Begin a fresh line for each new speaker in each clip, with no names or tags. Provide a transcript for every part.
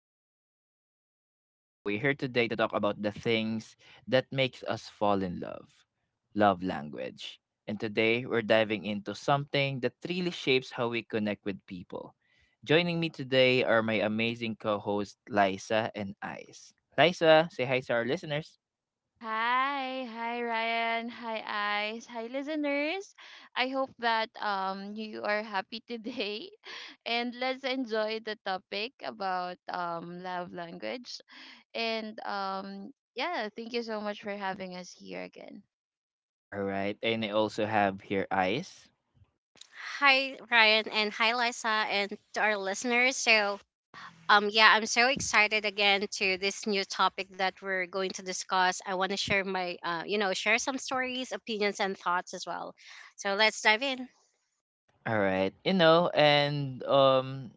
your host Ryan. So we're here today to talk about the things that makes us fall in love. Love language. And today we're diving into something that really shapes how we connect with people. Joining me today are my amazing co-host Liza and Ice. Liza, say hi to our listeners.
Hi, hi Ryan, hi Ice, hi listeners. I hope that you are happy today and let's enjoy the topic about love language and yeah, thank you so much for having us here again.
All right, and I also have here Ice.
Hi, Ryan, and hi, Lisa, and to our listeners. So, yeah, I'm so excited again to this new topic that we're going to discuss. I want to share my, share some stories, opinions, and thoughts as well. So let's dive in.
All right, you know, and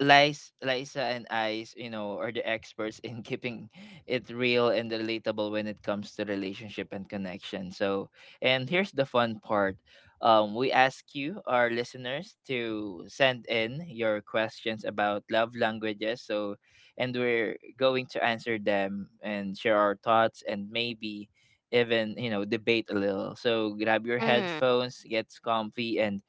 Lies, Liza and Ice, you know, are the experts in keeping it real and relatable when it comes to relationship and connection. So, and here's the fun part. We ask you, our listeners, to send in your questions about love languages. So, and we're going to answer them and share our thoughts and maybe even, you know, debate a little. So, grab your
Mm,
headphones, get comfy, and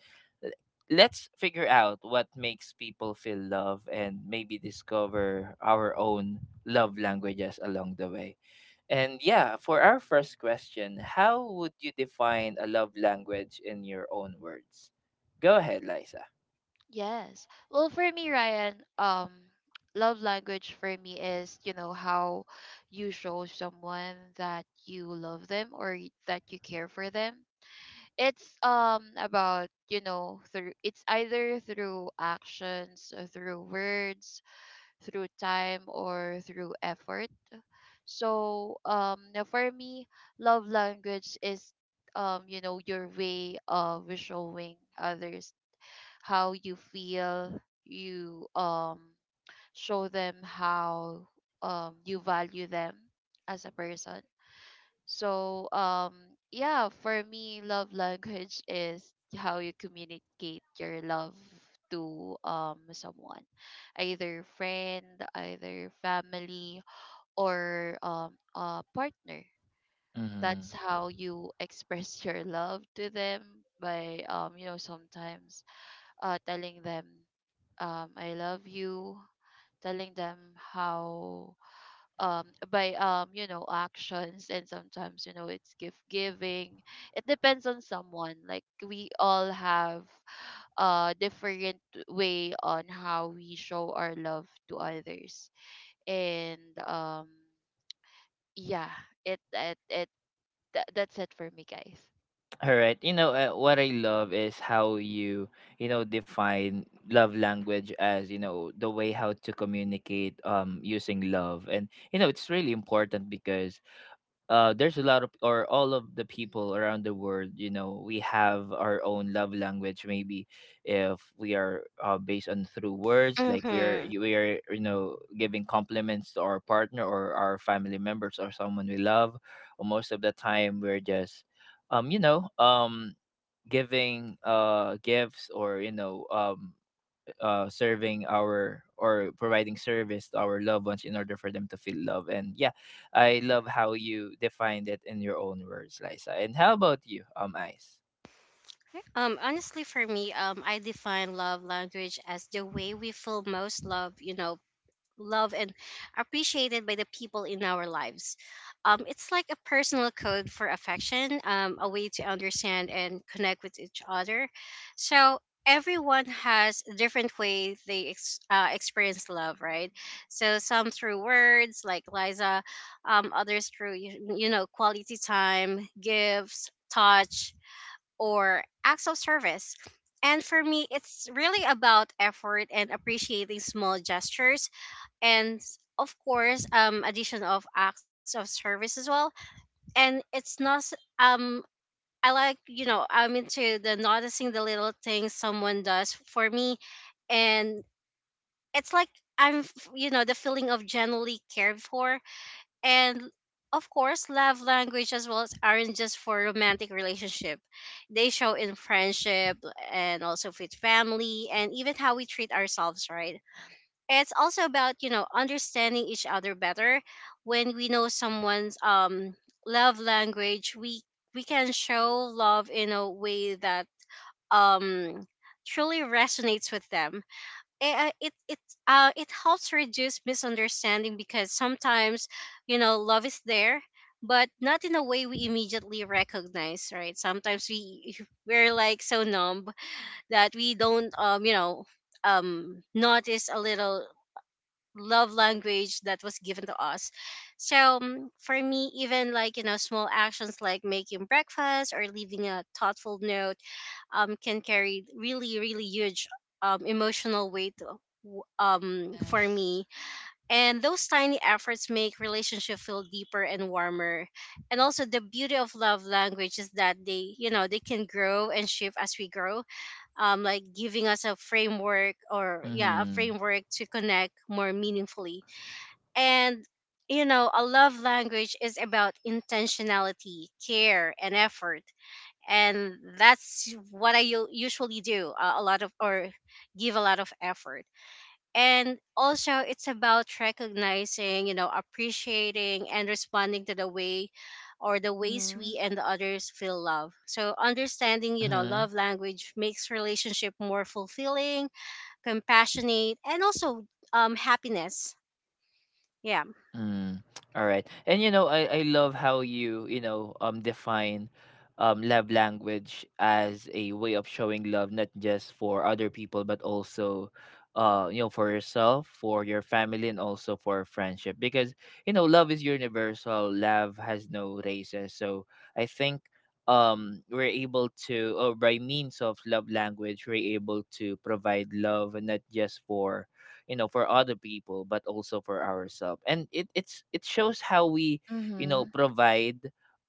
let's figure out what makes people feel love and maybe discover our own love languages along the way. And yeah, for our first question, how would you define a love language in your own words? Go ahead, Liza.
Yes. Well, for me, Ryan, love language for me is, you know, how you show someone that you love them or that you care for them. It's about, you know, through it's either through actions, through words, through time, or through effort. So now, for me, love language is, you know, your way of showing others how you feel. You show them how you value them as a person. So, yeah, for me, love language is how you communicate your love to someone, either friend, either family, or a partner.
Mm-hmm.
That's how you express your love to them by you know, sometimes telling them, I love you, telling them how um by, you know, actions, and sometimes, you know, it's gift giving. It depends on someone, like we all have a different way on how we show our love to others. And um yeah, it that's it for me, guys.
All right. You know, what I love is how you, you know, define love language as, you know, the way how to communicate using love. And you know, it's really important because there's a lot of or all of the people
Hmm.
around the world, you know, we have our own love language. Maybe if we are based on through words, like we are
mm-hmm.
we are you know, giving compliments to our partner or our family members or someone we love, or most of the time we're just um you know um giving gifts, or you know, serving our or providing service to our loved ones in order for them to feel love. And yeah, I love how you defined it in your own words, Liza. And how about you, Ice?
Honestly, for me, I define love language as the way we feel most love, loved and appreciated by the people in our lives. It's like a personal code for affection, a way to understand and connect with each other. So everyone has different ways they experience love, right? So some through words, like Liza, others through quality time, gifts, touch, or acts of service. And for me, it's really about effort and appreciating small gestures and of course addition of acts of service as well, and it's not s- um I I'm into the noticing the little things someone does for me. And it's like I'm f- you know the feeling of genuinely cared for. And of course love language as well as aren't just for romantic relationship, they show in friendship and also with family, and even how we treat ourselves, right? It's also about understanding each other better. When we know someone's love language, we can show love in a way that um truly resonates with them. Eh, uh, it it it helps reduce misunderstanding because sometimes you know love is there, but not in a way we immediately recognize. Right, sometimes we we're like so numb that we don't notice a little love language that was given to us. So for me, even like small actions like making breakfast or leaving a thoughtful note can carry really, really huge emotional weight, for
Yes.
me. And those tiny efforts make relationship feel deeper and warmer. And also the beauty of love language is that they can grow and shift as we grow, like giving us a framework, or a
Mm-hmm.
framework to connect more meaningfully. And you know, a love language is about intentionality, care, and effort. And that's what I usually do, a lot of, or give a lot of effort. And also, it's about recognizing, you know, appreciating and responding to the way or the ways
Mhm.
we and the others feel love. So, understanding, you know, love language makes relationship more fulfilling, compassionate, and also happiness. Yeah.
Mm, all right. And you know, I love how you, you know, define love language as a way of showing love not just for other people but also you know, for yourself, for your family and also for friendship, because you know, love is universal. Love has no races. So I think we're able to, or by means of love language, we're able to provide love, and not just for you know, for other people but also for ourselves, and it shows how we you know,
Mhm.
provide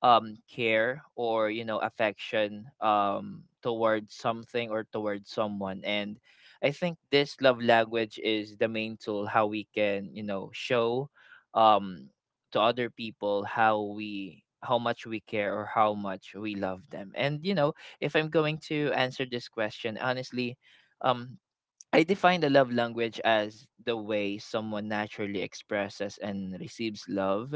care, or you know, affection towards something or towards someone. And I think this love language is the main tool how we can, you know, show um to other people how we, how much we care or how much we love them. And you know, if I'm going to answer this question honestly, um I define the love language as the way someone naturally expresses and receives love.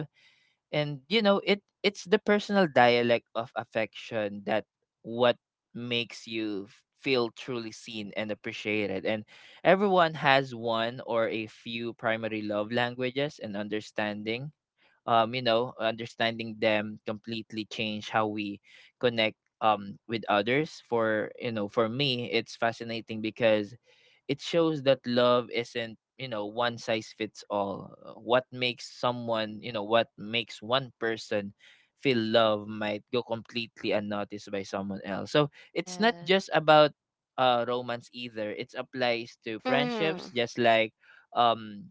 And you know, it's the personal dialect of affection that what makes you feel truly seen and appreciated. And everyone has one or a few primary love languages and understanding. You know, understanding them completely change how we connect with others. For you know, for me, it's fascinating because it shows that love isn't, you know, one size fits all. What makes someone, you know, what makes one person feel love might go completely unnoticed by someone else. So it's not
Yes.
just about romance either. It applies to friendships,
Mhm.
just like um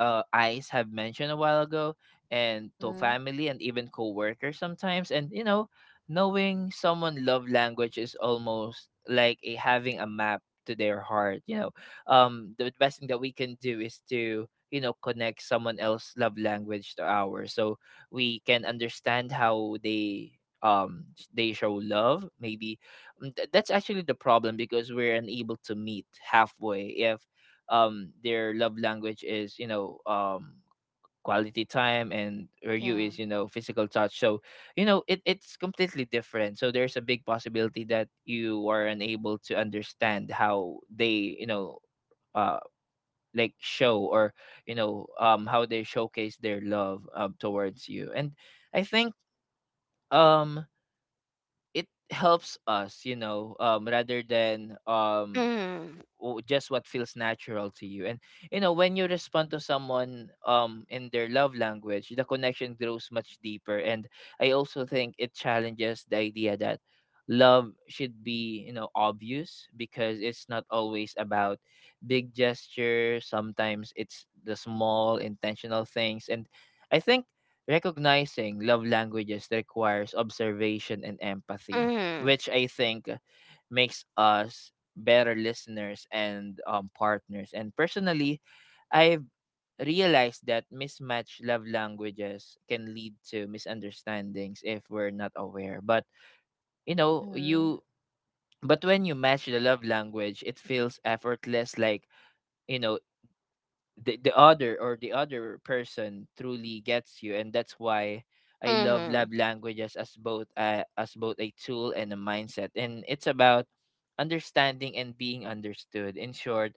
Ice have mentioned a while ago, and to
Mhm.
family and even co-workers sometimes. And you know, knowing someone love language is almost like a, having a map to their heart. You know, the best thing that we can do is to, you know, connect someone else love language to ours, so we can understand how they they show love maybe. Mm, that's actually the problem, because we're unable to meet halfway. If their love language is, you know, quality time and her you
Yeah.
is, you know, physical touch, so you know, it's completely different. So there's a big possibility that you are unable to understand how they, you know, uh like show or you know, how they showcase their love towards you. And I think um it helps us, you know, rather than
Mhm.
just what feels natural to you. And you know, when you respond to someone in their love language, the connection grows much deeper. And I also think it challenges the idea that love should be, you know, obvious, because it's not always about big gestures. Sometimes it's the small intentional things. And I think recognizing love languages requires observation and empathy,
Mhm.
which I think makes us better listeners and partners. And personally, I've realized that mismatched love languages can lead to misunderstandings if we're not aware. But you know,
Mhm.
you but when you match the love language, it feels effortless. Like you know, the other or the other person truly gets you, and that's why I love
Mhm.
love languages as both a tool and a mindset. And it's about understanding and being understood. In short,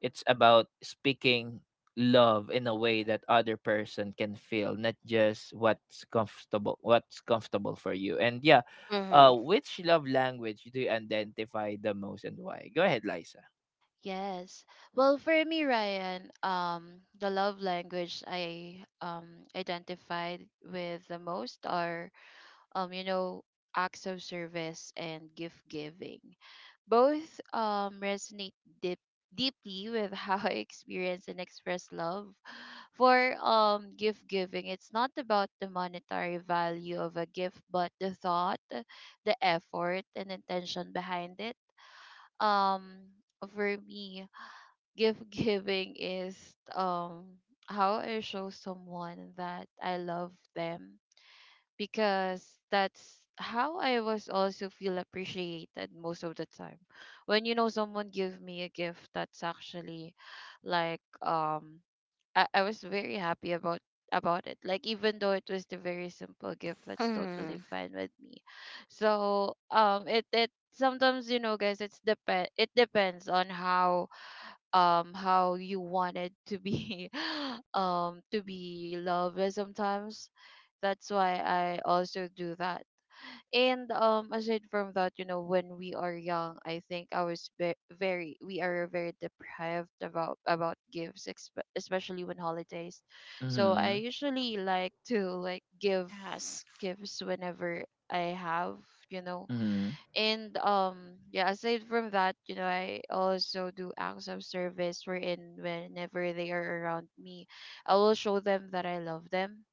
it's about speaking love in a way that other person can feel, not just what's comfortable for you. And yeah,
Mhm.
which love language do you identify the most and why? Go ahead, Lisa.
Yes. Well, for me, Ryan, the love language I identified with the most are, you know, acts of service and gift giving. Both resonate deep deeply with how I experience and express love. For gift giving, it's not about the monetary value of a gift, but the thought, the effort, and intention behind it. Um, for me, gift giving is um how I show someone that I love them, because that's how I was also feel appreciated most of the time. When, you know, someone give me a gift, that's actually like I was very happy about it. Like, even though it was the very simple gift, that's totally
Mhm.
fine with me. So it sometimes, you know, guys, it's depend it depends on how you wanted to be to be loved sometimes. That's why I also do that. And aside from that, you know, when we are young, I think very, we are very deprived about gifts, especially when holidays. So I
Mm-hmm.
usually like to like give
Yes.
gifts whenever I have, you know.
Mm-hmm.
And yeah, aside from that, you know, I also do acts of service, wherein whenever they are around me, I will show them that I love them,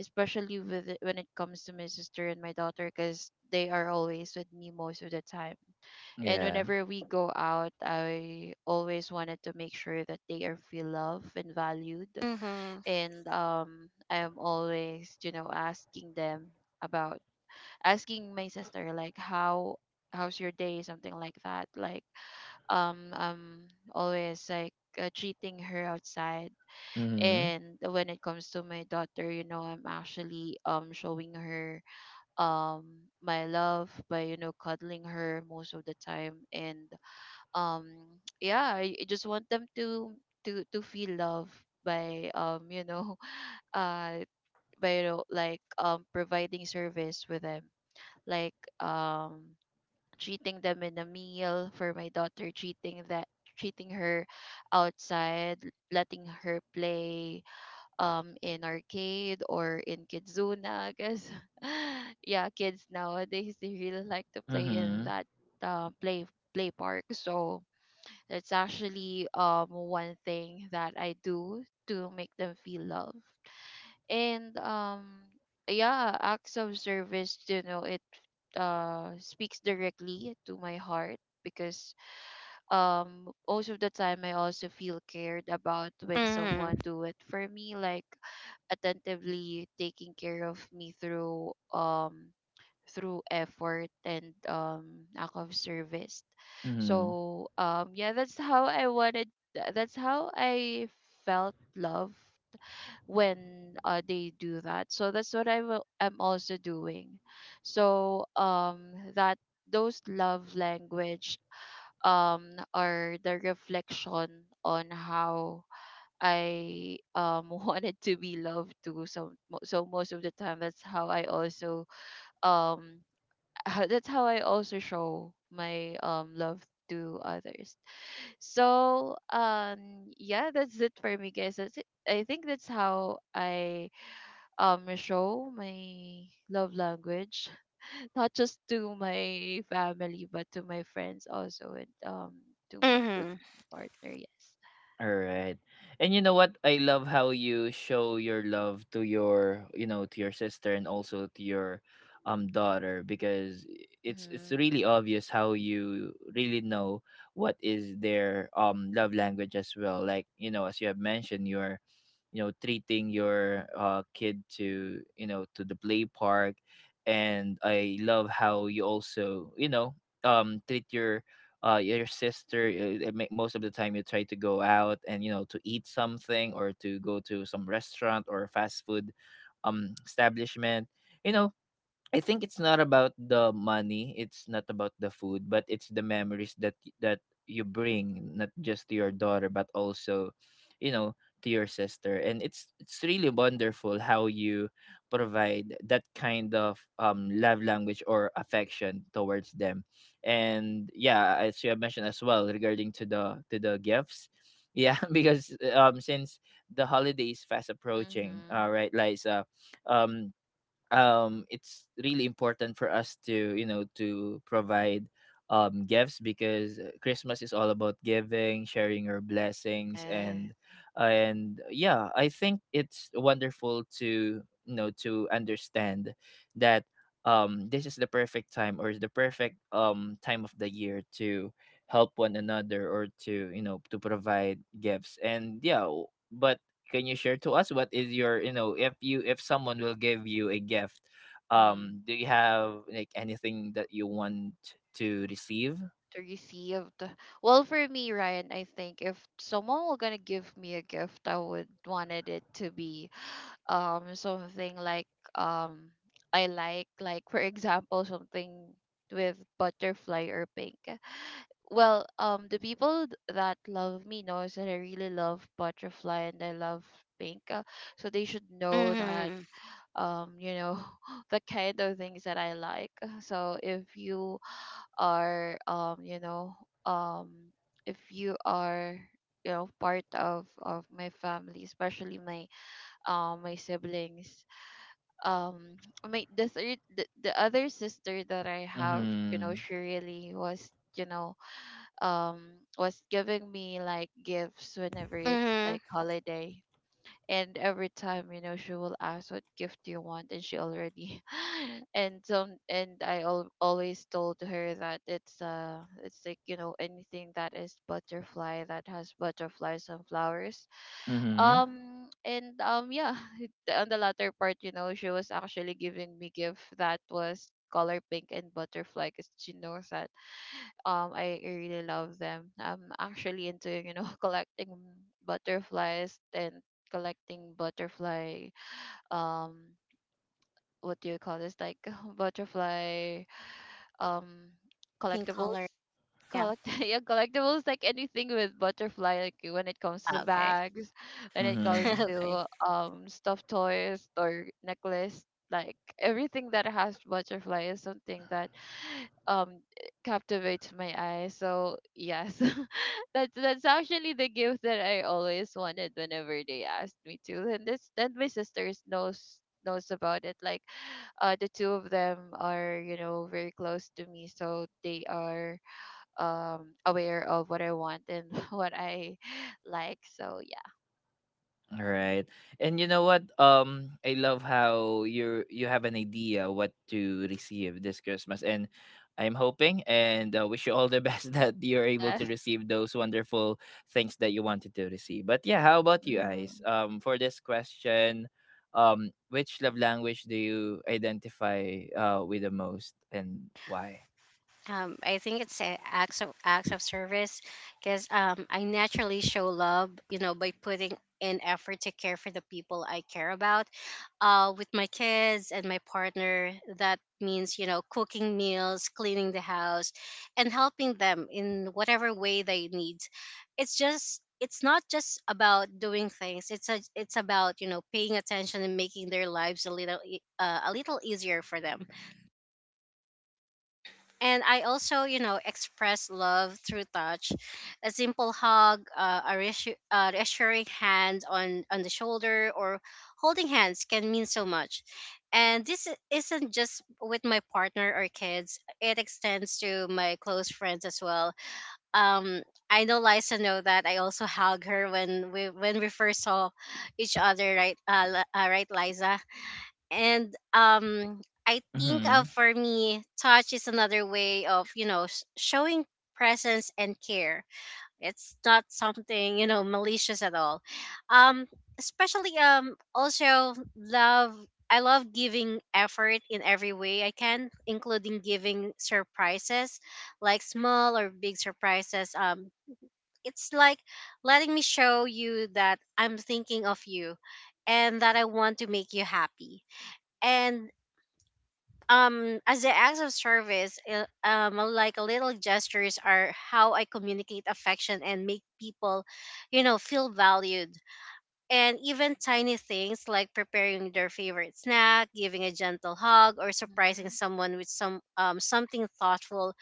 especially with when it comes to my sister and my daughter, because they are always with me most of the time. And
Yeah.
whenever we go out, I always wanted to make sure that they are feel loved and valued.
Mhm.
And I am always, you know, asking them about asking my sister like how's your day, something like that. Like um um always like, treating her outside.
Mm-hmm.
And when it comes to my daughter, you know, I'm actually showing her um my love by, you know, cuddling her most of the time. And um yeah, I just want them to to feel love by, you know, uh by, you know, like providing service with them, like um treating them in a meal. For my daughter, treating her outside, letting her play in arcade or in Kidzuna, because yeah, kids nowadays they really like to play in
Mhm.
that, uh, play play park. So that's actually one thing that I do to make them feel love. And yeah, acts of service, you know, it speaks directly to my heart, because most of the time I also feel cared about when
Mhm.
someone do it for me, like attentively taking care of me through through effort and act of service.
Mhm.
So yeah, that's how I wanted, that's how I felt love when, they do that. So that's what I will am also doing. So that those love language are the reflection on how I wanted to be loved too. So so most of the time that's how I also um that's how I also show my love to others. So yeah, that's it for me, guys. That's it. I think that's how I show my love language not just to my family but to my friends also, and to to
Mhm.
my partner. Yes.
Alright. And you know what? I love how you show your love to your, you know, to your sister and also to your daughter, because it's
Mhm.
really obvious how you really know what is their love language as well. Like, you know, as you have mentioned, you're you know, treating your kid to, you know, to the play park, and I love how you also, you know, treat your sister. It most of the time you try to go out and, you know, to eat something or to go to some restaurant or fast food establishment. You know, I think it's not about the money, it's not about the food, but it's the memories that that you bring not just to your daughter but also, you know, to your sister. And it's really wonderful how you provide that kind of love language or affection towards them. And yeah, as you have mentioned as well, regarding to the gifts. Yeah, because since the holiday is fast approaching, all
Mhm.
right, Liza. Um it's really important for us to, you know, to provide gifts, because Christmas is all about giving, sharing your blessings. and
Yes.
and yeah, I think it's wonderful to, you know, to understand that this is the perfect time, or is the perfect time of the year to help one another, or to, you know, to provide gifts. And yeah, but can you share to us what is your, you know, if you if someone will give you a gift,
Mm-hmm.
do you have like anything that you want to receive?
To receive the well, for me, Ryan, I think if someone were gonna give me a gift, I would wanted it to be something like, um I like, for example, something with butterfly or pink. Well, the people that love me knows that I really love butterfly and I love pink, so they should know that
Mhm.
you know, the kind of things that I like. So if you are, you know, um if you are, you know, part of my family, especially my my siblings, um my the third, the other sister that I have, you know,
Mm-hmm.
she really was, you know, um was giving me like gifts whenever it's like
Mhm.
holiday. And every time, you know, she will ask what gift do you want, and she already and some, and I always told her that it's like, you know, anything that is butterfly, that has butterflies and flowers,
Mm-hmm.
and yeah, on the latter part, you know, she was actually giving me gift that was color pink and butterfly, because she knows that I really love them. I'm actually into, you know, collecting butterflies and collecting butterfly, um, what do you call this, like butterfly um
Pink color.
collectibles.
Yeah.
Collect yeah, collectibles, like anything with butterfly, like when it comes to
Ah, okay.
bags, when it comes
Mm-hmm.
Okay.
to stuffed toys or necklace. Like everything that has butterfly is something that um captivates my eye. So yes, that's actually the gift that I always wanted whenever they asked me to. And this, and my sisters knows, knows about it, like, the two of them are, you know, very close to me, so they are aware of what I want and what I like. So yeah.
All right. And you know what? I love how you you have an idea what to receive this Christmas. And I'm hoping and wish you all the best that you're able to
Just.
receive those wonderful things that you wanted to receive. But yeah, how about you guys?
Mhm.
For this question, which love language do you identify with the most, and why?
I think it's a acts of service because I naturally show love, you know, by putting in effort to care for the people I care about. With my kids and my partner, that means you know cooking meals, cleaning the house, and helping them in whatever way they need. It's not just about doing things. It's about you know paying attention and making their lives a little, a little easier for them. And I also, you know, express love through touch, a simple hug, uh, a reassuring hand on the shoulder, or holding hands can mean so much. And this isn't just with my partner or kids; it extends to my close friends as well. Um, I know Liza know that I also hug her when we first saw each other, right? Right, Liza? And I think
Mhm.
for me touch is another way of showing presence and care. It's not something you know malicious at all. Um especially um also love, I love giving effort in every way I can, including giving surprises, like small or big surprises. It's like letting me show you that I'm thinking of you and that I want to make you happy. And as the acts of service, like little gestures are how I communicate affection and make people you know feel valued. And even tiny things like preparing their favorite snack, giving a gentle hug, or surprising
Mhm.
someone with something thoughtful,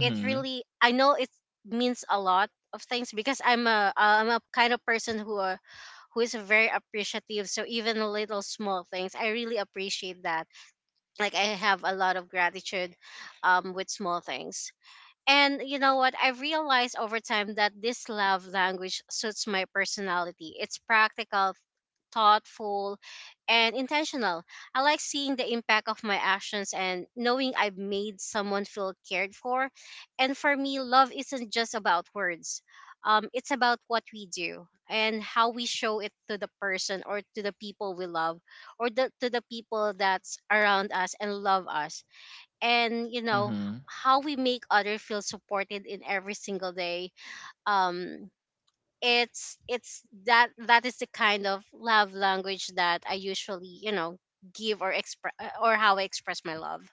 it really, I know it means a lot of things because I'm a kind of person who is very appreciative, so even little small things I really appreciate that. Like I have a lot of gratitude with small things. And you know what? I realized over time that this love language suits my personality. It's practical, thoughtful, and intentional. I like seeing the impact of my actions and knowing I've made someone feel cared for. And for me, love isn't just about words. It's about what we do and how we show it to the person or to the people we love, or to the people that's around us and love us. And you know
Mhm.
how we make other feel supported in every single day. Um it's That that is the kind of love language that I usually you know give or express, or how I express my love.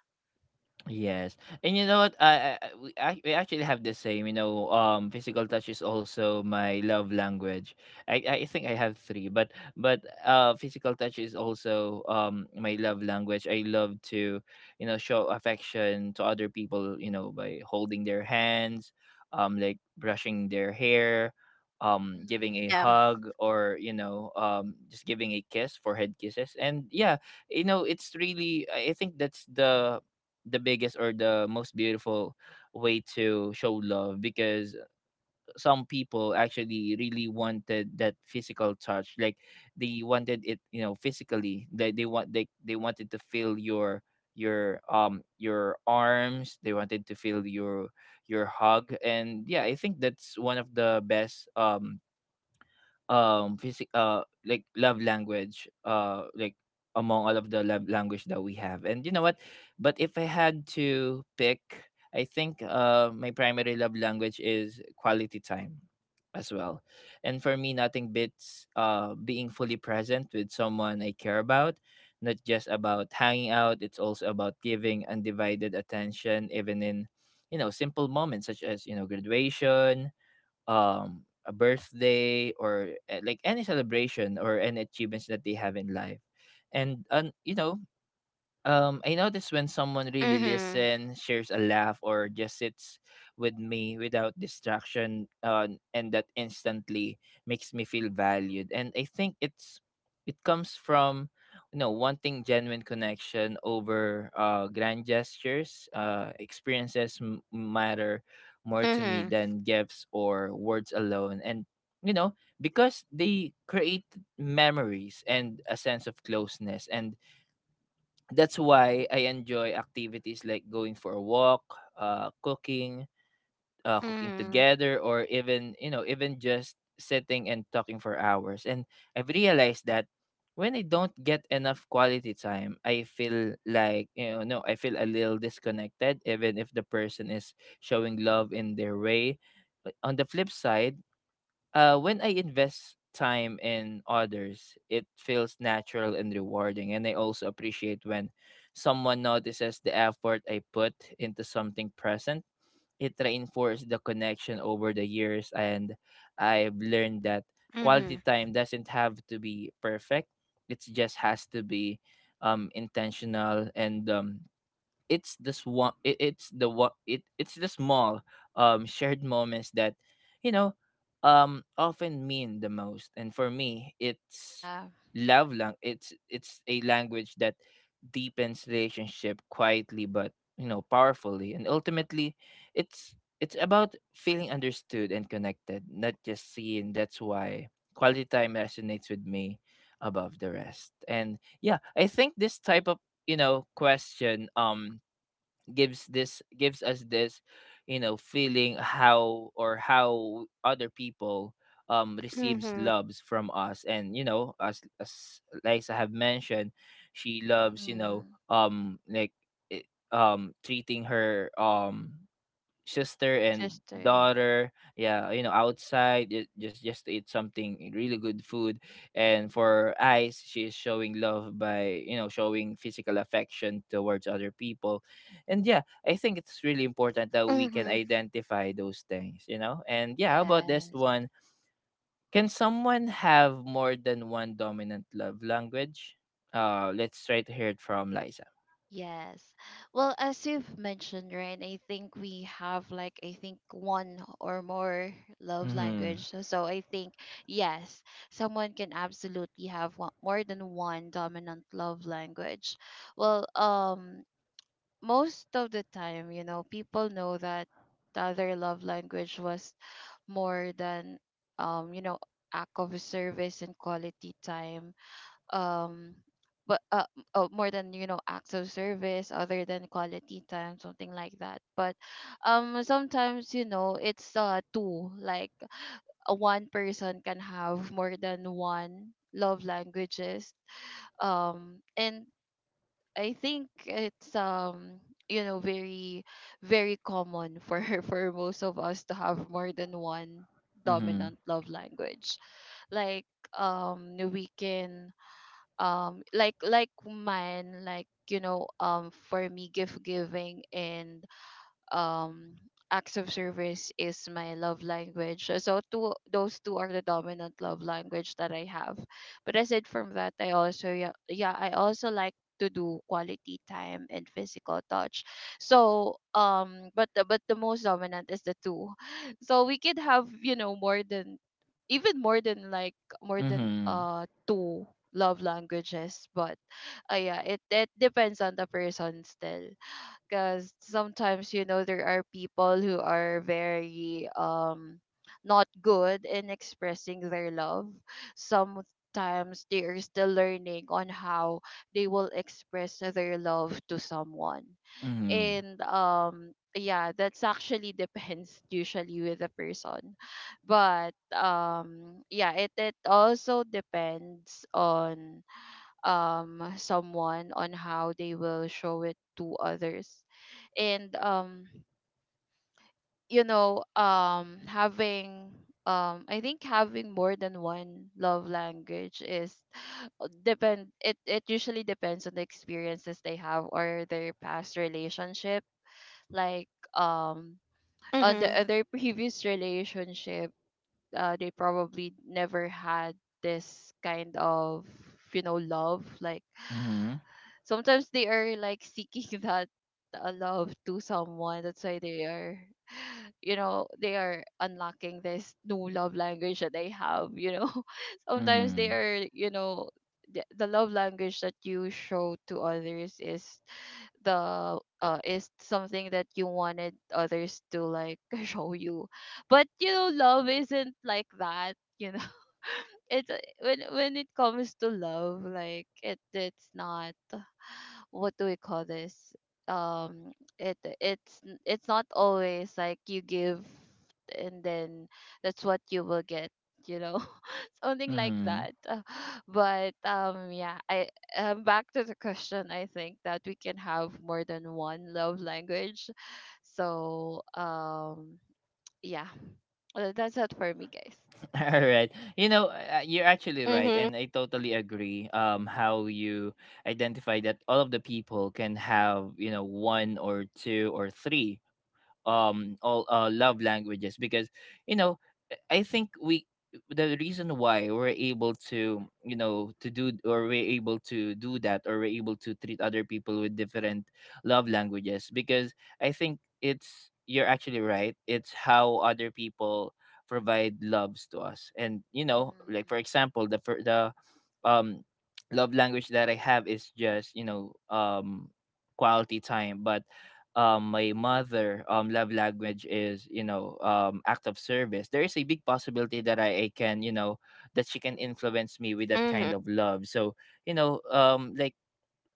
Yes, and you know what? I We we actually have the same. You know, physical touch is also my love language. I think I have three, but but physical touch is also my love
Mhm.
language. I love to, you know, show affection to other people. You know, by holding their hands, like brushing their hair, giving
Yeah.
a
Mhm.
hug, or you know, just giving a kiss, forehead kisses, and yeah, you know, it's really. I think that's the biggest or the most beautiful way to show love because some people actually really wanted that physical touch, like they wanted it, physically, they want they wanted to feel your your arms, they wanted to feel your hug. And yeah, I think that's one of the best physic like love language, like among all of the love language that we have. And you know what, but if I had to pick, I think my primary love language is quality time as well. And for me, nothing beats being fully present with someone I care about. Not just about hanging out, it's also about giving undivided attention, even in, you know, simple moments such as, you know, graduation, a birthday, or like any celebration or any achievements that they have in life. And you know, I notice when someone really
Mhm.
listens, shares a laugh, or just sits with me without distraction, and that instantly makes me feel valued. And I think it's it comes from, you know, wanting genuine connection over grand gestures. Experiences matter more to me
Mhm.
than gifts or words alone. And you know, because they create memories and a sense of closeness. And that's why I enjoy activities like going for a walk, uh, cooking, cooking
Mhm.
together, or even, you know, even just sitting and talking for hours. And I've realized that when I don't get enough quality time, I feel like, you know, no, I feel a little disconnected, even if the person is showing love in their way. But on the flip side, when I invest time in others, it feels natural and rewarding. And I also appreciate when someone notices the effort I put into something present. It reinforces the connection over the years. And I've learned that
Mhm.
quality time doesn't have to be perfect. It just has to be intentional and it's this one it's the small shared
Mhm.
moments that, you know, often mean the most. And for me, it's
Yeah.
love lang it's a language that deepens relationship quietly but, you know, powerfully. And ultimately, it's about feeling understood and connected, not just seen. That's why quality time resonates with me above the rest. And yeah, I think this type of, you know, question gives this gives us this, you know, feeling how, or how other people receives
Mhm.
loves from us. And you know, as Liza have mentioned, she loves, you know,
Hmm.
like it, treating her sister and
Sister.
daughter, yeah, you know, outside just to eat something really good food. And for Eyes, she is showing love by, you know, showing physical affection towards other people. And yeah, I think it's really important that we can
Mhm.
identify those things, you know. And yeah, how about this
Yes.
one? Can someone have more than one dominant love language? Let's try to hear it from Liza.
Yes. Well, as you've mentioned, right, I think we have like, I think, one or more love
Mm-hmm.
language. So, so I think yes, someone can absolutely have one, more than one dominant love language. Well, most of the time, you know, people know that the other love language was more than, you know, act of service and quality time, um but more than, you know, acts of service other than quality time, something like that. But sometimes, you know, it's two, like a one person can have more than one love languages, and I think it's, you know, very very common for for most of us to have more than one
Mm-hmm.
dominant love language. Like, we can, like mine, like, you know, for me, gift giving and um acts of service is my love language. So two, those two are the dominant love language that I have. But aside from that, I also, yeah, yeah, I also like to do quality time and physical touch. So but but the most dominant is the two. So we could have, you know, more than, even more than like, more than
Mm-hmm.
two love languages. But yeah, it depends on the person still, because sometimes, you know, there are people who are very not good in expressing their love. Sometimes they are still learning on how they will express their love to someone.
Mm-hmm.
And yeah, that's actually depends usually with the person. But yeah, it also depends on someone on how they will show it to others. And you know, having I think having more than one love language is, depend it, it usually depends on the experiences they have or their past relationship. Like, um on the
Mhm.
other previous relationship, they probably never had this kind of, you know, love. Like sometimes they are like seeking that, love to someone, that's why they are you know, they are unlocking this new love language that they have, you know, sometimes they
Mm-hmm.
are, you know, the love language that you show to others is the is something that you wanted others to like show you. But you know, love isn't like that, you know. It's, when it Comes to love, like it's not. What do we call this? Um it it's n- it's not always like you give and then that's what you will get, you know. something like
Mhm.
that. But yeah I Back to the question, I think that we can have more than one love language. so um yeah that's it for me, guys.
All right. You know, you're actually right,
Mhm.
and I totally agree. How you identify that all of the people can have, you know, one or two or three all love languages. Because, you know, I think we, the reason why we're able to, you know, to do that, or we're able to treat other people with different love languages, because I think it's, you're actually right, it's how other people provide loves to us. And you know, like for example, the um love language that I have is just, you know, quality time. But my mother love language is, you know, act of service. There is a big possibility that I can, you know, that she can influence me with that kind
Mhm.
of love. So, you know, like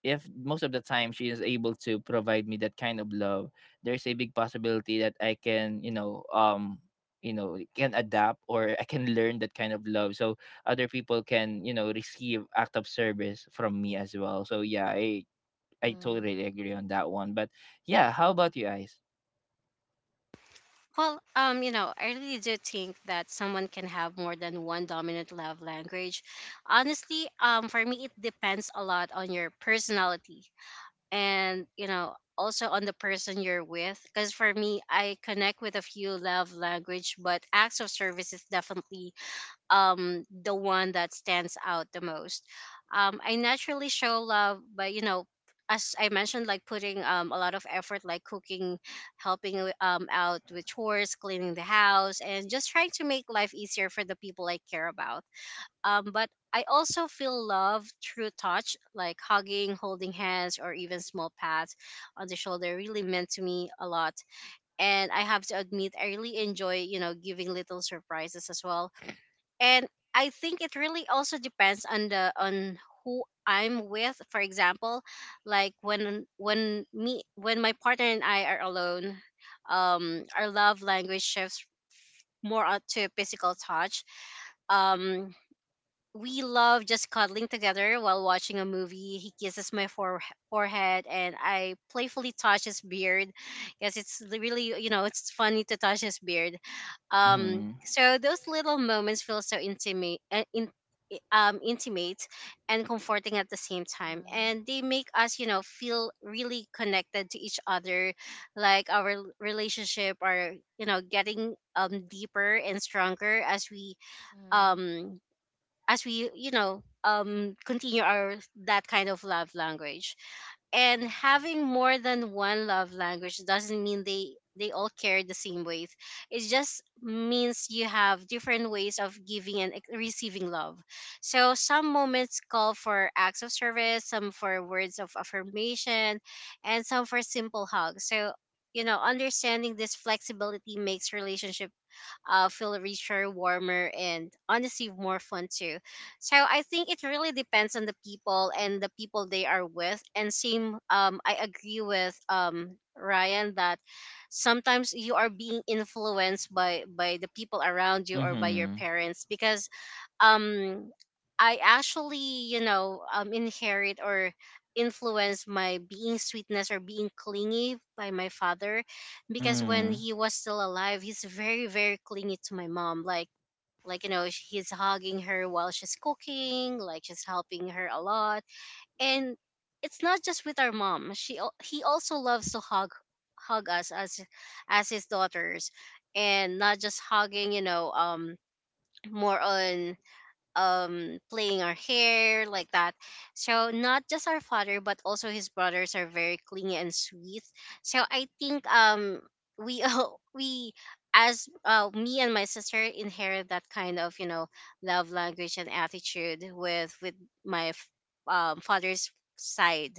if most of the time she is able to provide me that kind of love, there's a big possibility that I can, you know, you know, can adapt, or I can learn that kind of love. So other people can, you know, receive act of service from me as well. So yeah, I
Mm-hmm.
totally agree on that one. But yeah, how about you guys?
Well, you know, I really do think that someone can have more than one dominant love language. Honestly, for me, it depends a lot on your personality and, you know, also on the person you're with. Because for me, I connect with a few love language, but acts of service is definitely the one that stands out the most. I naturally show love by you know, as I mentioned, like putting a lot of effort, like cooking, helping out with chores, cleaning the house, and just trying to make life easier for the people I care about. But I also feel love through touch, like hugging, holding hands, or even small pats on the shoulder really meant to me a lot. And I have to admit I really enjoy you know giving little surprises as well. And I think it really also depends on the on who I'm with. For example, when my partner and I are alone, our love language shifts more out to physical touch. um we love just cuddling together while watching a movie. He kisses my forehead and I playfully touch his beard, because it's really, you know, it's funny to touch his beard.
Mm-hmm.
So those little moments feel so intimate, intimate and comforting at the same
Mm-hmm.
time.
Mm-hmm.
And they make us, you know, feel really connected to each other. Like our relationship are, you know, getting deeper and stronger as we
Mm-hmm.
um you know continue our that kind of love language. And having more than one love language doesn't mean they all carry the same weight. It just means you have different ways of giving and receiving love. So some moments call for acts of service, some for words of affirmation, and some for simple hugs. So you know understanding this flexibility makes relationship feel richer, warmer, and honestly more fun too. So I think it really depends on the people and the people they are with. And same, I agree with Ryan that sometimes you are being influenced by the people around you or by your
Mm-hmm.
parents. Because um I actually, you know, inherit or influence my being sweetness or being clingy by my father, because when
Mm.
he was still alive he's very very clingy to my mom. Like you know he's hugging her while she's cooking, like she's helping her a lot. And it's not just with our mom, she he also loves to hug us as his daughters. And not just hugging, you know, more on playing our hair like that. So not just our father, but also his brothers are very clingy and sweet. So I think we all we, as me and my sister inherit that kind of you know love language and attitude with my father's side.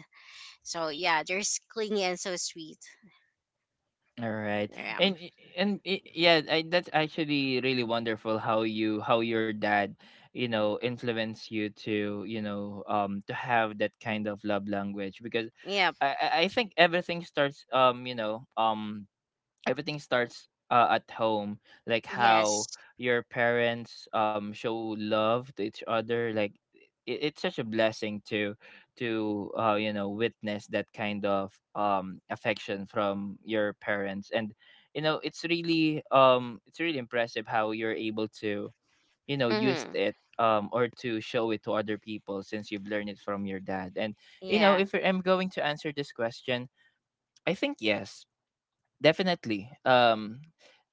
So yeah, they're clingy and so sweet.
All right,
Yeah.
yeah, that's actually really wonderful how you, how your dad, you know, influenced you to, you know, to have that kind of love language. Because
Yep.
I think everything starts, you know, everything starts at home. Like how
Yes.
your parents show love to each other. Like it's such a blessing to you know, witness that kind of affection from your parents. And you know, it's really, it's really impressive how you're able to, you know, use
Mm-hmm.
it, or to show it to other people, since you've learned it from your dad. And you know,
Yeah.
if I'm going to answer this question, I think yes. Definitely.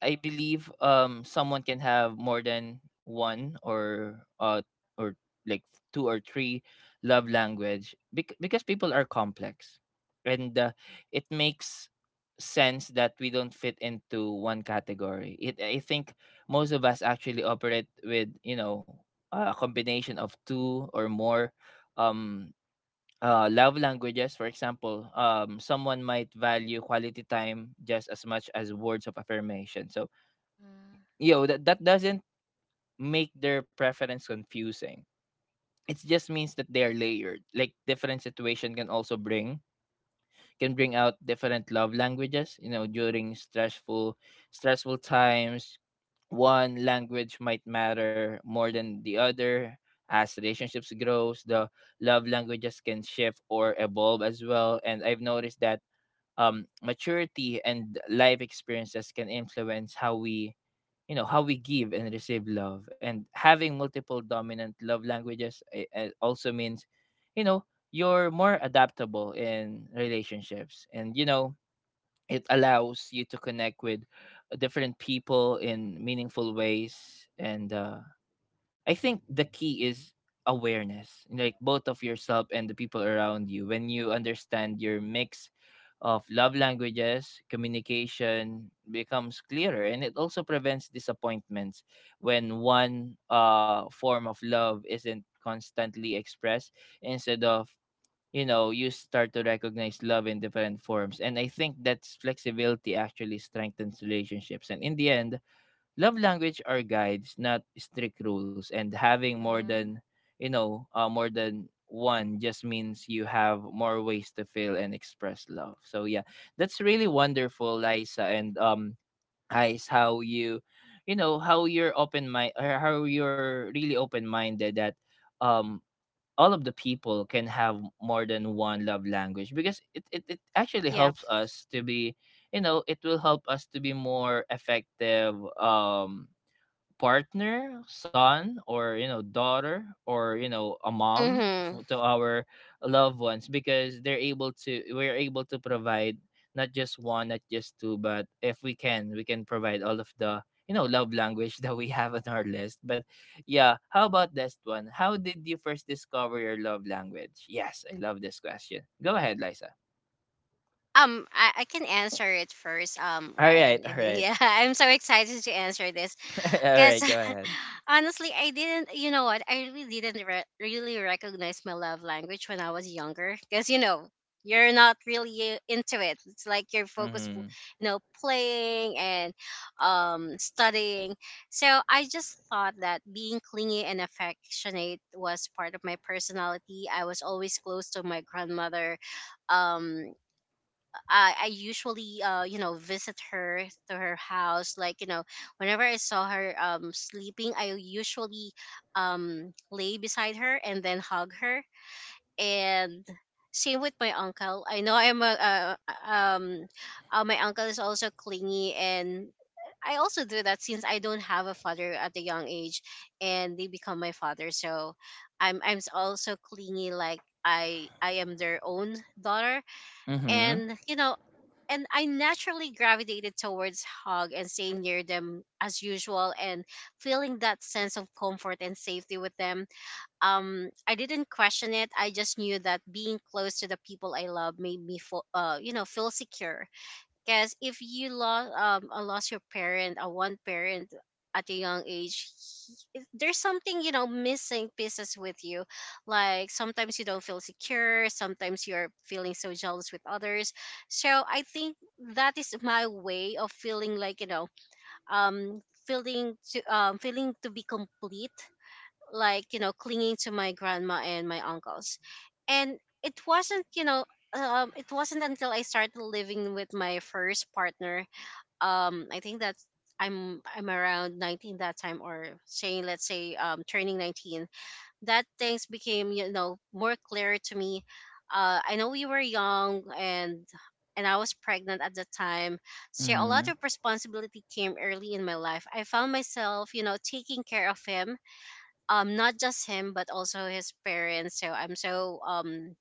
I believe someone can have more than one, or like two or three love language, because people are complex, and it makes sense that we don't fit into one category. It I think most of us actually operate with, you know, a combination of two or more um love languages. For example, someone might value quality time just as much as words of affirmation. So,
Mm-hmm.
you know, that doesn't make their preference confusing. It just means that they are layered. Like different situation can also bring, can bring out different love languages. You know, during stressful times, one language might matter more than the other. As relationships grows, the love languages can shift or evolve as well. And I've noticed that maturity and life experiences can influence how we, you know, how we give and receive love. And having multiple dominant love languages also means, you know, you're more adaptable in relationships. And you know, it allows you to connect with different people in meaningful ways. And I think the key is awareness, like both of yourself and the people around you. When you understand your mix of love languages, communication becomes clearer, and it also prevents disappointments when one form of love isn't constantly expressed. Instead of, you know, you start to recognize love in different forms. And I think that's flexibility actually strengthens relationships. And in the end, love language are guides, not strict rules. And having more
Mm-hmm.
than, you know, more than one just means you have more ways to feel and express love. So yeah, that's really wonderful, Liza. And Ice, how you, you know, how you're open mind, or how you're really open minded that, um, all of the people can have more than one love language. Because it actually
Yep.
helps us to be, you know, it will help us to be more effective partner, son, or, you know, daughter, or, you know, a mom
Mm-hmm.
to our loved ones. Because they're able to, we're able to provide not just one, not just two, but if we can, we can provide all of the, you know, love language that we have on our list. But yeah, how about this one? How did you first discover your love language? Yes, I love this question. Go ahead, Liza.
Um, I can answer it first,
All
Ryan.
right,
If, yeah, I'm so excited to answer this
all
because
right. Go ahead.
honestly, I didn't, you know what, I really didn't really recognize my love language when I was younger because, you know, you're not really into it. It's like you're focused, you
Mm-hmm.
know, playing and studying. So I just thought that being clingy and affectionate was part of my personality. I was always close to my grandmother. um I usually visit her to her house. Whenever I saw her sleeping, I usually lay beside her and then hug her. And same with my uncle. I know I'm a um my uncle is also clingy, and I also do that since I don't have a father at a young age, and they become my father. So I'm also clingy, like I am their own daughter.
Mm-hmm.
And and I naturally gravitated towards hug and staying near them as usual, and feeling that sense of comfort and safety with them. I didn't question it. I just knew that being close to the people I love made me feel, feel secure. Because if you lost lost your parent, a one parent at a young age, there's something missing pieces with you. Like sometimes you don't feel secure. Sometimes you're feeling so jealous with others. So I think that is my way of um feeling to be complete, like clinging to my grandma and my uncles. And it wasn't it wasn't until I started living with my first partner. um i think that's I'm around 19 that time, or saying, let's say, turning 19, that things became more clear to me. I know we were young, and I was pregnant at the time. So a lot of
Mm-hmm.
responsibility came early in my life. I found myself, you know, taking care of him, not just him but also his parents. So i'm so um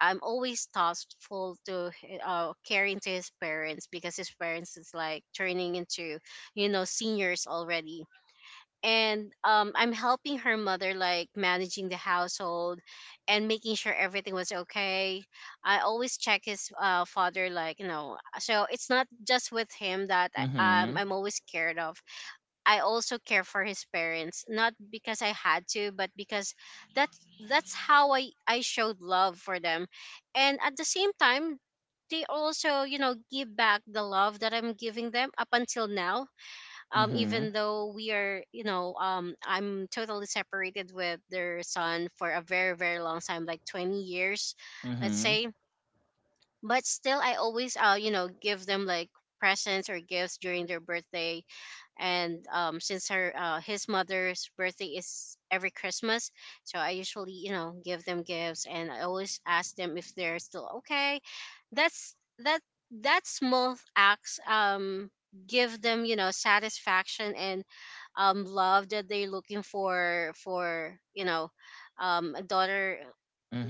i'm always thoughtful to caring to his parents, because his parents is like turning into seniors already. And I'm helping her mother, like managing the household and making sure everything was okay. I always check his father, like you know. So it's not just with him that
Mm-hmm.
I'm always cared of. I also care for his parents, not because I had to, but because that's that's how I showed love for them. And at the same time, they also, you know, give back the love that I'm giving them up until now.
Mm-hmm.
Even though we are, you know, um, I'm totally separated with their son for a very very long time, like 20 years, let's
Mm-hmm.
say. But still, I always you know give them like presents or gifts during their birthday. And since her his mother's birthday is every Christmas, so I usually, you know, give them gifts, and I always ask them if they're still okay. that's that that small acts give them, you know, satisfaction and love that they're looking for, you know, a daughter.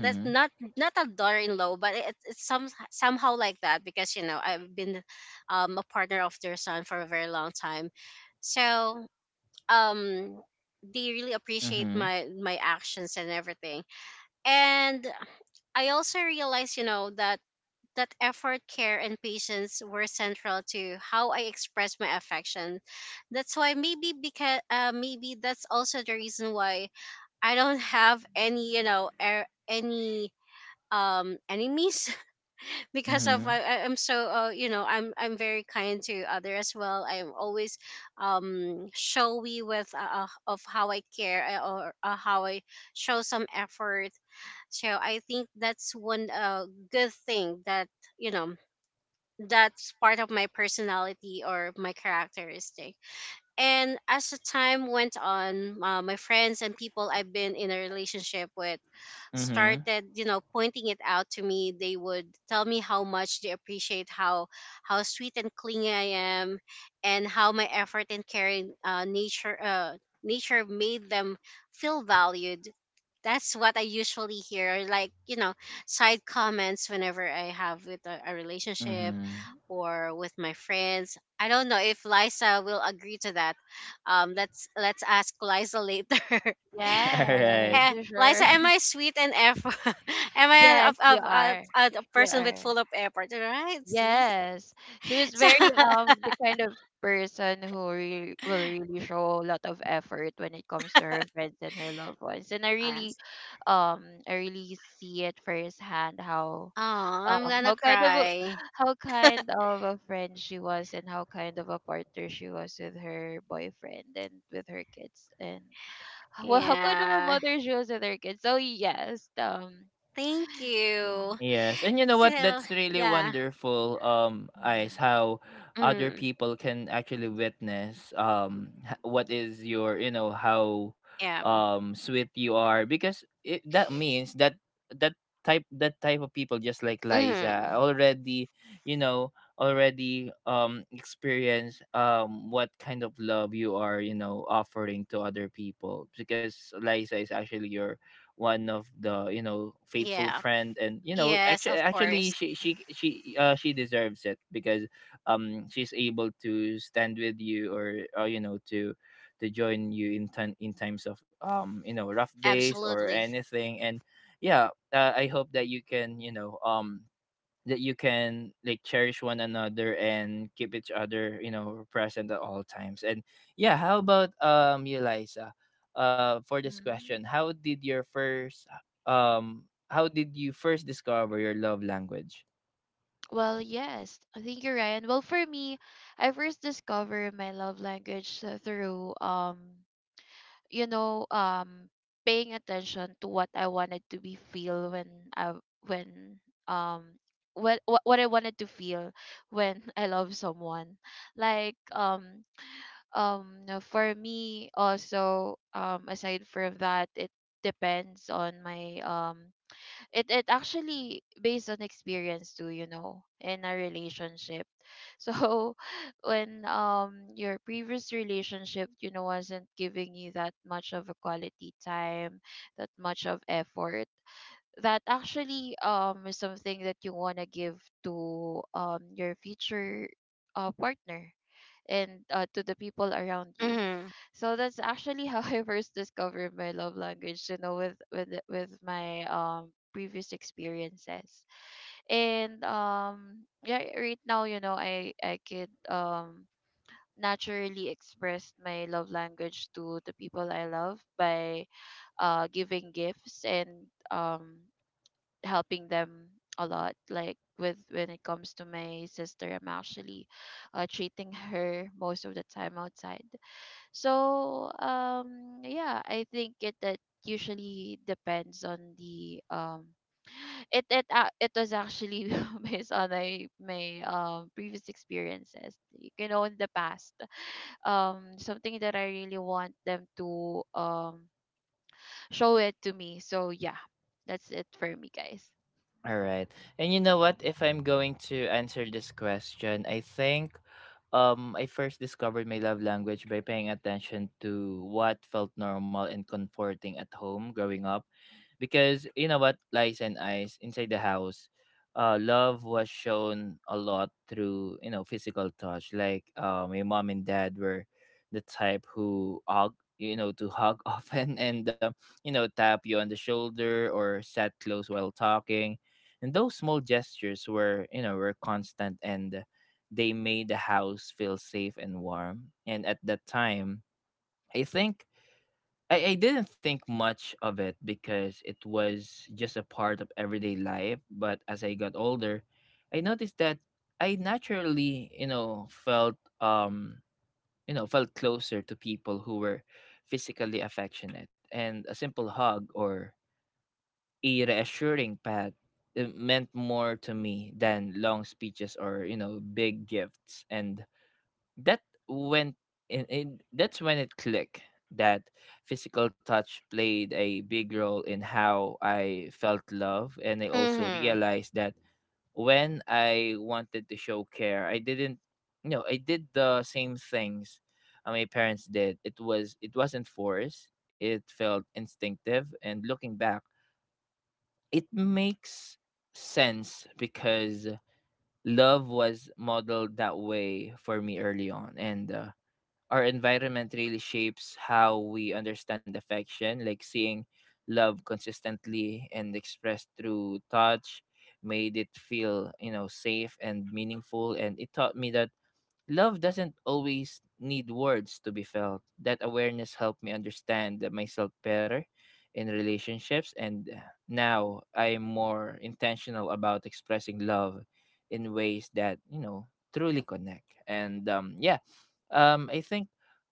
That's not not a daughter-in-law, but it's somehow like that, because you know I've been, a partner of their son for a very long time. So um they really appreciate
Mhm.
my actions and everything. And I also realized, you know, that that effort, care, and patience were central to how I express my affection. That's why maybe, because maybe that's also the reason why I don't have any, any enemies. Because of
Mhm.
I'm so you know, I'm very kind to other as well. I'm always showy with of how I care, or how I show some effort. So I think that's one good thing that, you know, that's part of my personality or my characteristic. And as the time went on, my friends and people I've been in a relationship with
Mhm.
started, you know, pointing it out to me. They would tell me how much they appreciate how sweet and clingy I am, and how my effort and caring nature, nature made them feel valued. That's what I usually hear, like, you know, side comments whenever I have with a relationship
Mhm.
Mm-hmm.
or with my friends. I don't know if Liza will agree to that. Let's ask Liza later.
Yes,
Alright.
Eh,
you sure.
Liza, am I sweet and effort? Am I
Yes, you are.
a
You
person with
are.
full of effort? Right? See?
Yes. She was
So,
very the kind of person who really will really show a lot of effort when it comes to her friends and her loved ones. And
us.
I really see it firsthand
Oh, I'm gonna
how kind of a,
cry.
how kind of a friend she was, and how kind of a partner she was with her boyfriend and with her kids, and h- well, how kind of a
Yeah.
mother she was with her kids. So yes, um,
Thank
yeah.
you.
Yes, and you know what?
So,
That's really
yeah.
wonderful, Ice,
Mhm,
how other
Mm,
people can actually witness what is your, you know, how
yeah.
sweet you are. Because that means that that that type of people, just like Liza,
Mm,
already, you know, already experience what kind of love you are, you know, offering to other people. Because Liza is actually your one of the, you know, faithful
yeah.
friend. And you know,
Yes,
actually
of
actually
course.
she deserves it, because she's able to stand with you, or you know, to join you in time, in times of, you know, rough days or
Absolutely.
anything. And yeah, I hope that you can, you know, that you can like cherish one another and keep each other, you know, present at all times. And yeah, how about you, Liza, for this question?
mhm.
How did your first um how did you first discover your love language?
Well, yes, I think you're right. And well, for me, I first discovered my love language through you know, paying attention to what I wanted to be feel when I when um what I wanted to feel when I love someone, like, um for me. Also, aside from that, it depends on my, it actually based on experience too, you know, in a relationship. So when your previous relationship, you know, wasn't giving you that much of a quality time, that much of effort, that actually is something that you want to give to your future, partner, and to the people around you.
Mm-hmm.
So that's actually how I first discovered my love language, you know, with with my previous experiences. And yeah, right now, you know, I could naturally express my love language to the people I love by uh, giving gifts and um, helping them a lot, like with when it comes to my sister, I'm actually, treating her most of the time outside. So um, yeah, I think it that usually depends on the it was actually based on my my previous experiences, you know, in the past. Something that I really want them to um, show it to me. So yeah, that's it for me, guys.
All right, and you know what, if I'm going to answer this question, I think I first discovered my love language by paying attention to what felt normal and comforting at home growing up. Because you know what, Lies and Eyes, inside the house, love was shown a lot through, you know, physical touch. Like my mom and dad were the type who hug, you know, to hug often. And you know, tap you on the shoulder or sat close while talking. And those small gestures were, you know, were constant, and they made the house feel safe and warm. And at that time, I think I didn't think much of it, because it was just a part of everyday life. But as I got older, I noticed that I naturally, um, you know, felt closer to people who were physically affectionate. And a simple hug or a reassuring pat, it meant more to me than long speeches or, you know, big gifts. And that went in that's when it clicked that physical touch played a big role in how I felt love. And I also
Mm-hmm.
realized that when I wanted to show care, I didn't, I did the same things my parents did. It wasn't forced, it felt instinctive. And looking back, it makes sense because love was modeled that way for me early on. And our environment really shapes how we understand affection, like seeing love consistently and expressed through touch made it feel, you know, safe and meaningful. And it taught me that love doesn't always need words to be felt. That awareness helped me understand myself better in relationships, and now I'm more intentional about expressing love in ways that, you know, truly connect. And yeah, I think,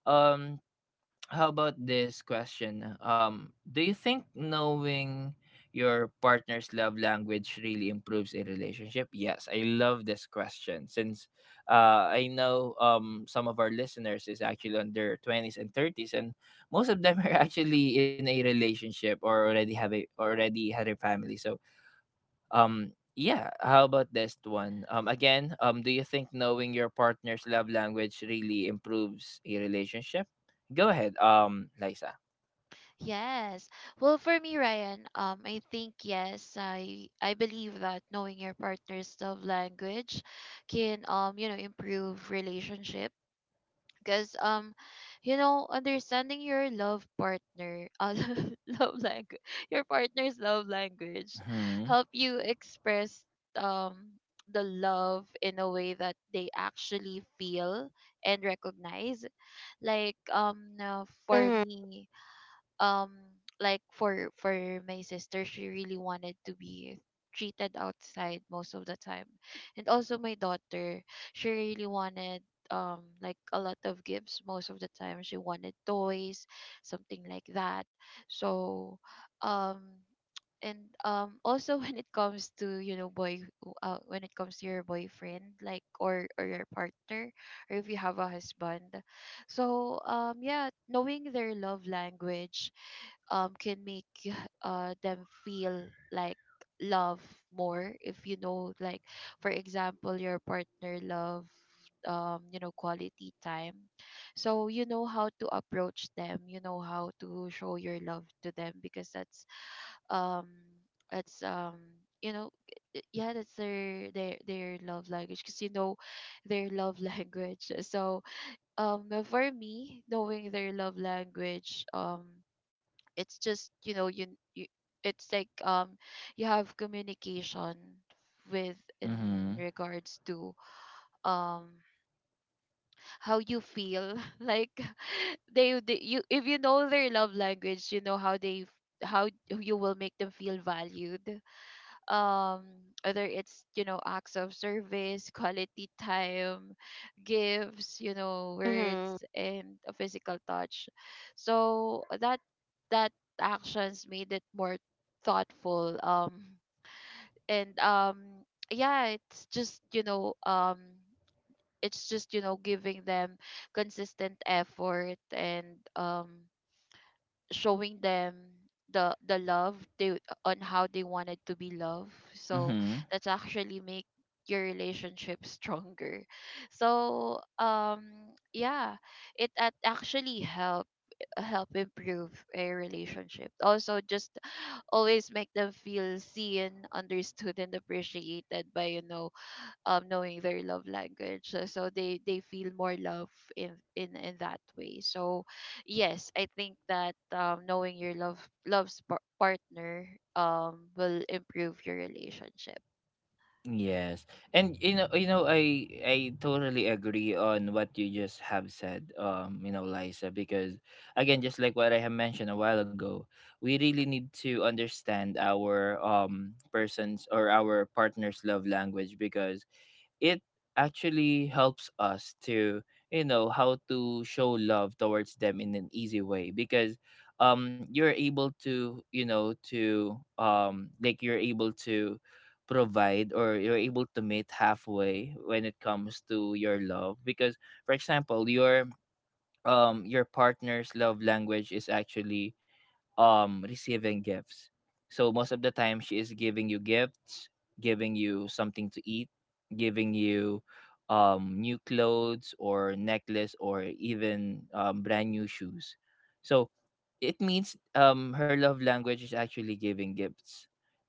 um, how about this question? Do you think knowing your partner's love language really improves a relationship? Yes, I love this question since I know, some of our listeners is actually on their 20s and 30s, and most of them are actually in a relationship or already had a family. So yeah, how about this one? Again, do you think knowing your partner's love language really improves a relationship? Go ahead, Liza.
Yes. Well, for me, Ryan, I think yes, I believe that knowing your partner's love language can, you know, improve relationship because you know, understanding your love partner, love language, your partner's love language,
Hmm.
help you express um the love in a way that they actually feel and recognize, like for
Mm-hmm.
me, um, like for my sister, she really wanted to be treated outside most of the time. And also my daughter, she really wanted like a lot of gifts. Most of the time she wanted toys, something like that. So um and also when it comes to, you know, boy, when it comes to your boyfriend, like, or your partner, or if you have a husband. So um, yeah, knowing their love language, um, can make uh, them feel like love more. If you know, like, for example, your partner love, um, you know, quality time, so you know how to approach them, you know how to show your love to them, because that's um it's you know, yeah, that's their love language. Because you know, their love language. So um, for me, knowing their love language, um, it's just, you know, you it's like, um, you have communication with, in
Hmm.
regards to um how you feel, like, they you, if you know their love language, you know how they f-, how you will make them feel valued, um, whether it's, you know, acts of service, quality time, gifts, you know,
Mm-hmm.
words, and a physical touch. So that, that actions made it more thoughtful, um, and um, yeah, it's just, you know, um, it's just, you know, giving them consistent effort and um, showing them the love they, on how they wanted to be loved. So
Hmm.
that's actually make your relationship stronger. So um, yeah, it at actually help, help improve a relationship. Also, just always make them feel seen, understood, and appreciated by, you know, um, knowing their love language. So, so they feel more love in that way. So yes, I think that um, knowing your love partner um, will improve your relationship.
Yes, and you know, I totally agree on what you just have said, you know, Liza, because again, just like what I have mentioned a while ago, we really need to understand our person's or our partner's love language because it actually helps us to, you know, how to show love towards them in an easy way. Because you're able to, you know, to like you're able to provide or you're able to meet halfway when it comes to your love. Because for example, your partner's love language is actually receiving gifts. So most of the time she is giving you gifts, giving you something to eat, giving you new clothes or necklace or even brand new shoes. So it means her love language is actually giving gifts.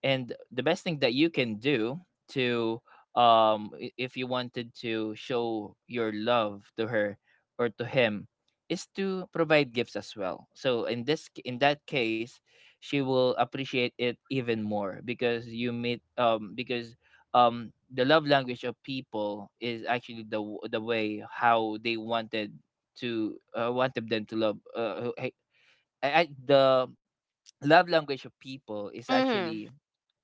And the best thing that you can do to, if you wanted to show your love to her or to him, is to provide gifts as well. So in in that case, she will appreciate it even more because you meet because the love language of people is actually the way how they wanted to wanted them to love I the love language of people is
Mm-hmm.
actually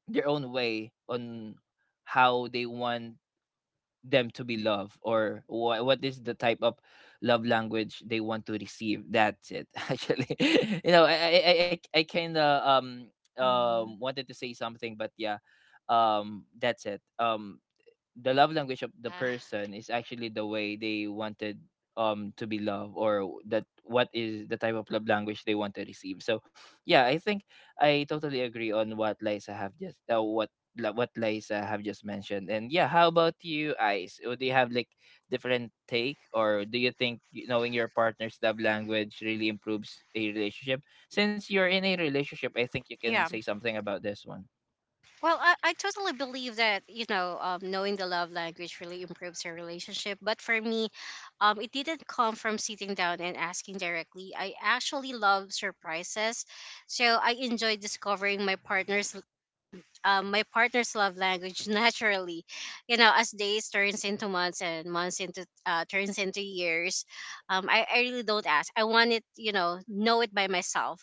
their own way on how they want them to be loved, or what is the type of love language they want to receive. That's it. Actually, you know, I kind of
Mm-hmm.
wanted to say something, but yeah, that's it. The love language of the
Yeah.
person is actually the way they wanted to be loved, or that what is the type of love language they want to receive. So yeah, I think I totally agree on what Liza have just what Liza have just mentioned. And yeah, how about you, Ice? Do you have like different take, or do you think knowing your partner's love language really improves a relationship? Since you're in a relationship, I think you can
Yeah.
say something about this one.
Well, I totally believe that, you know, knowing the love language really improves your relationship. But for me, it didn't come from sitting down and asking directly. I actually love surprises. So I enjoy discovering my partner's love language naturally. You know, as days turns into months and months into, turns into years, I really don't ask. I want it, you know it by myself.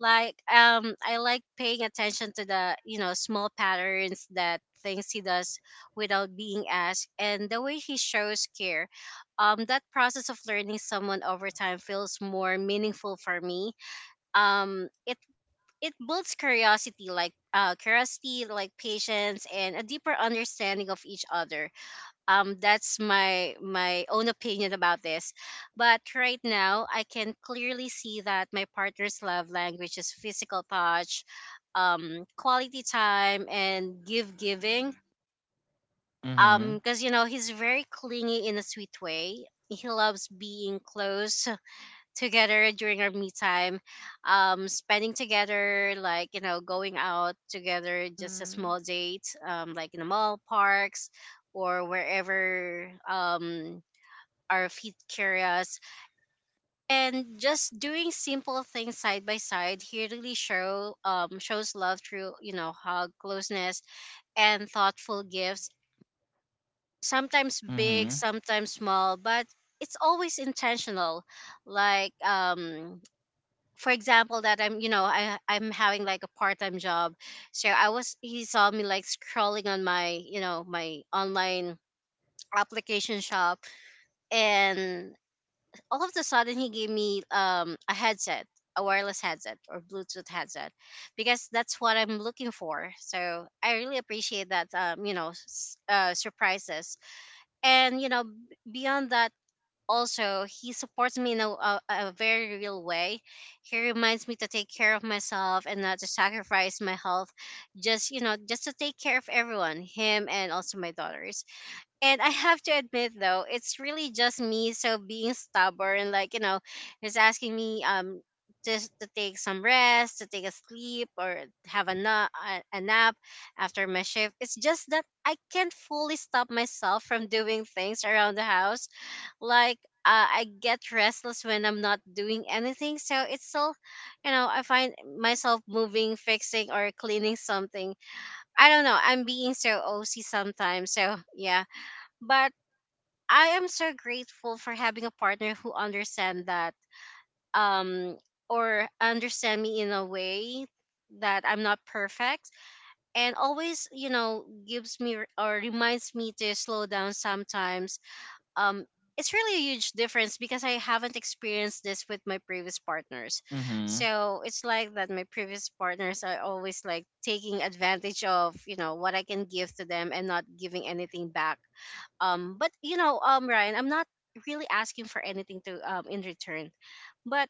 Like I like paying attention to the, you know, small patterns, that things he does without being asked, and the way he shows care. That process of learning someone over time feels more meaningful for me. um it it builds curiosity, like, patience and a deeper understanding of each other. That's my own opinion about this. But right now I can clearly see that my partner's love language is physical touch, quality time, and give giving.
Mm-hmm.
Because you know, he's very clingy in a sweet way. He loves being close together during our me time, spending together, like, you know, going out together, just a
Mm-hmm.
small date, like in the mall, parks, or wherever our feet carry us, and just doing simple things side by side. He really shows love through, you know, hug, closeness, and thoughtful gifts, sometimes big,
Mm-hmm.
sometimes small, but it's always intentional. Like for example, that I'm, you know, I'm having like a part-time job. So I was he saw me like scrolling on my, you know, my online application shop, and all of a sudden he gave me a headset, a wireless headset or bluetooth headset, because that's what I'm looking for. So I really appreciate that, you know, surprises. And you know, beyond that, also he supports me in a very real way. He reminds me to take care of myself and not to sacrifice my health, just you know, just to take care of everyone, him and also my daughter. And I have to admit though, it's really just me so being stubborn, like, you know, he's asking me just to take some rest, to take a sleep, or have a nap after my shift. It's just that I can't fully stop myself from doing things around the house. Like I get restless when I'm not doing anything, so it's still, you know, I find myself moving, fixing, or cleaning something. I don't know. I'm being so OC sometimes, so yeah. But I am so grateful for having a partner who understand that um or understand me in a way that I'm not perfect, and always, you know, gives me r- or reminds me to slow down sometimes. Um it's really a huge difference because I haven't experienced this with my previous partners.
Mm-hmm.
So it's like that my previous partners are always like taking advantage of, you know, what I can give to them, and not giving anything back. But you know, Ryan, I'm not really asking for anything to in return, but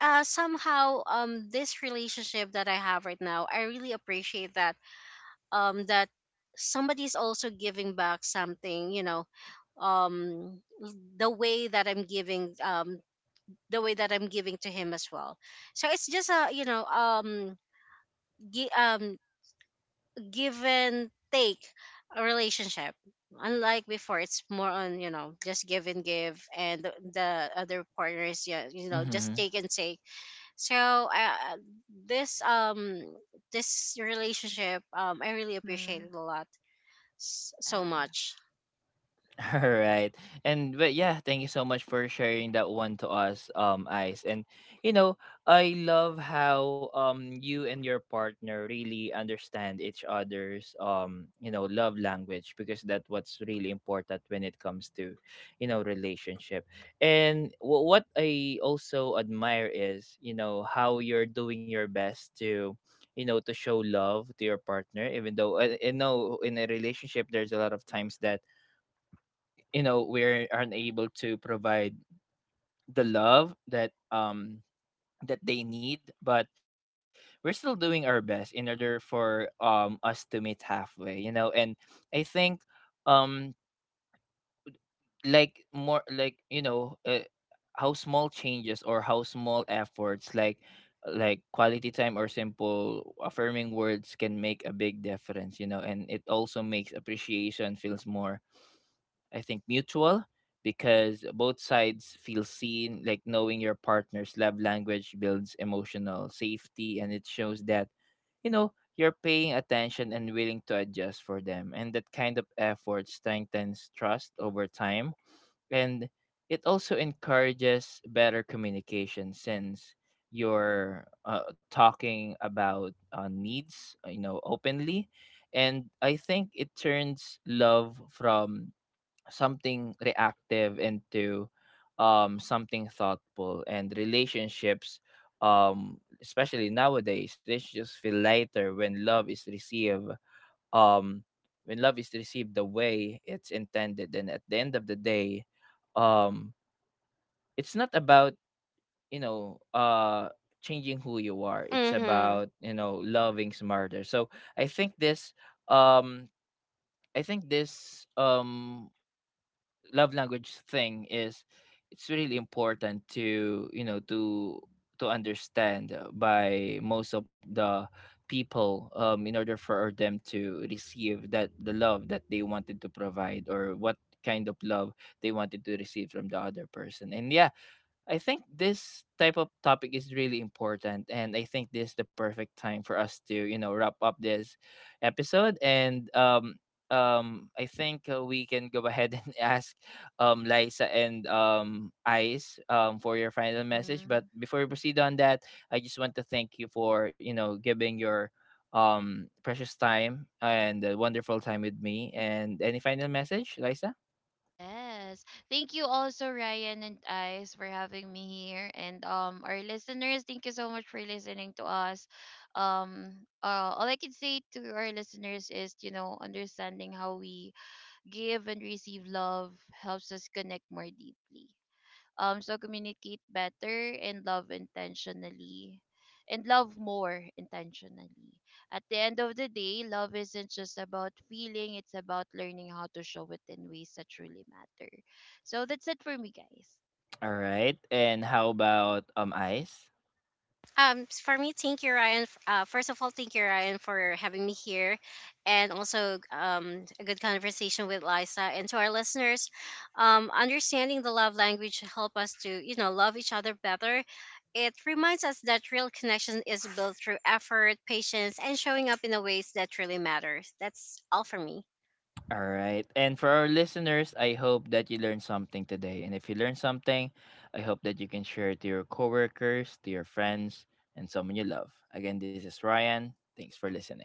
somehow this relationship that I have right now, I really appreciate that um that somebody's also giving back something, you know, um the way that I'm giving the way that I'm giving to him as well. So it's just a, you know, gi- um give and take a relationship. Unlike before, it's more on, you know, just give and give, and the other partner is, yeah, you know, just
Mm-hmm.
take and take. So this relationship, I really appreciate
Mm-hmm.
it a lot, so
Yeah.
much.
All right. And but yeah, thank you so much for sharing that one to us, Ice. And you know, I love how you and your partner really understand each other's, you know, love language, because that's what's really important when it comes to, you know, relationship. And what I also admire is, you know, how you're doing your best to, you know, to show love to your partner. Even though I know in a relationship there's a lot of times that, you know, we're unable to provide the love that that they need, but we're still doing our best in order for us to meet halfway, you know. And I think, um like more like, you know, how small changes or how small efforts, like quality time or simple affirming words, can make a big difference, you know. And it also makes appreciation feels more, I think, mutual, because both sides feel seen. Like knowing your partner's love language builds emotional safety, and it shows that, you know, you're paying attention and willing to adjust for them. And that kind of effort strengthens trust over time. And it also encourages better communication, since you're talking about needs, you know, openly. And I think it turns love from something reactive into something thoughtful. And relationships, especially nowadays, they just feel lighter when love is um received the way it's intended. And at the end of the day, um it's not about, you know, changing who you are, it's
Mhm.
about, you know, loving smarter. So I think um this love language thing is, it's really important to, you know, to understand by most of the people, in order for them to receive that the love that they wanted to provide, or what kind of love they wanted to receive from the other person. And yeah, I think this type of topic is really important. And I think this is the perfect time for us to, you know, wrap up this episode. And I think we can go ahead and ask Liza and Ice for your final message. But
Mm-hmm.
before we proceed on that, I just want to thank you for, you know, giving your precious time and a wonderful time with me. And any final message, Liza?
Yes. Thank you also, Ryan and Ice, for having me here. And um, our listeners, thank you so much for listening to us. All I can say to our listeners is, you know, understanding how we give and receive love helps us connect more deeply. So communicate better and love intentionally. And love more intentionally. At the end of the day, love isn't just about feeling, it's about learning how to show it in ways that truly matter. So that's it for me, guys.
All right. And how about Ice?
For me, thank you, Ryan. First of all, thank you, Ryan, for having me here, and also a good conversation with Liza. And to our listeners, understanding the love language help us to, you know, love each other better. It reminds us that real connection is built through effort, patience, and showing up in the ways that really matters. That's all for me.
All right. And for our listeners, I hope that you learned something today. And if you learned something, I hope that you can share it to your coworkers, to your friends, and someone you love. Again, this is Ryan. Thanks for listening.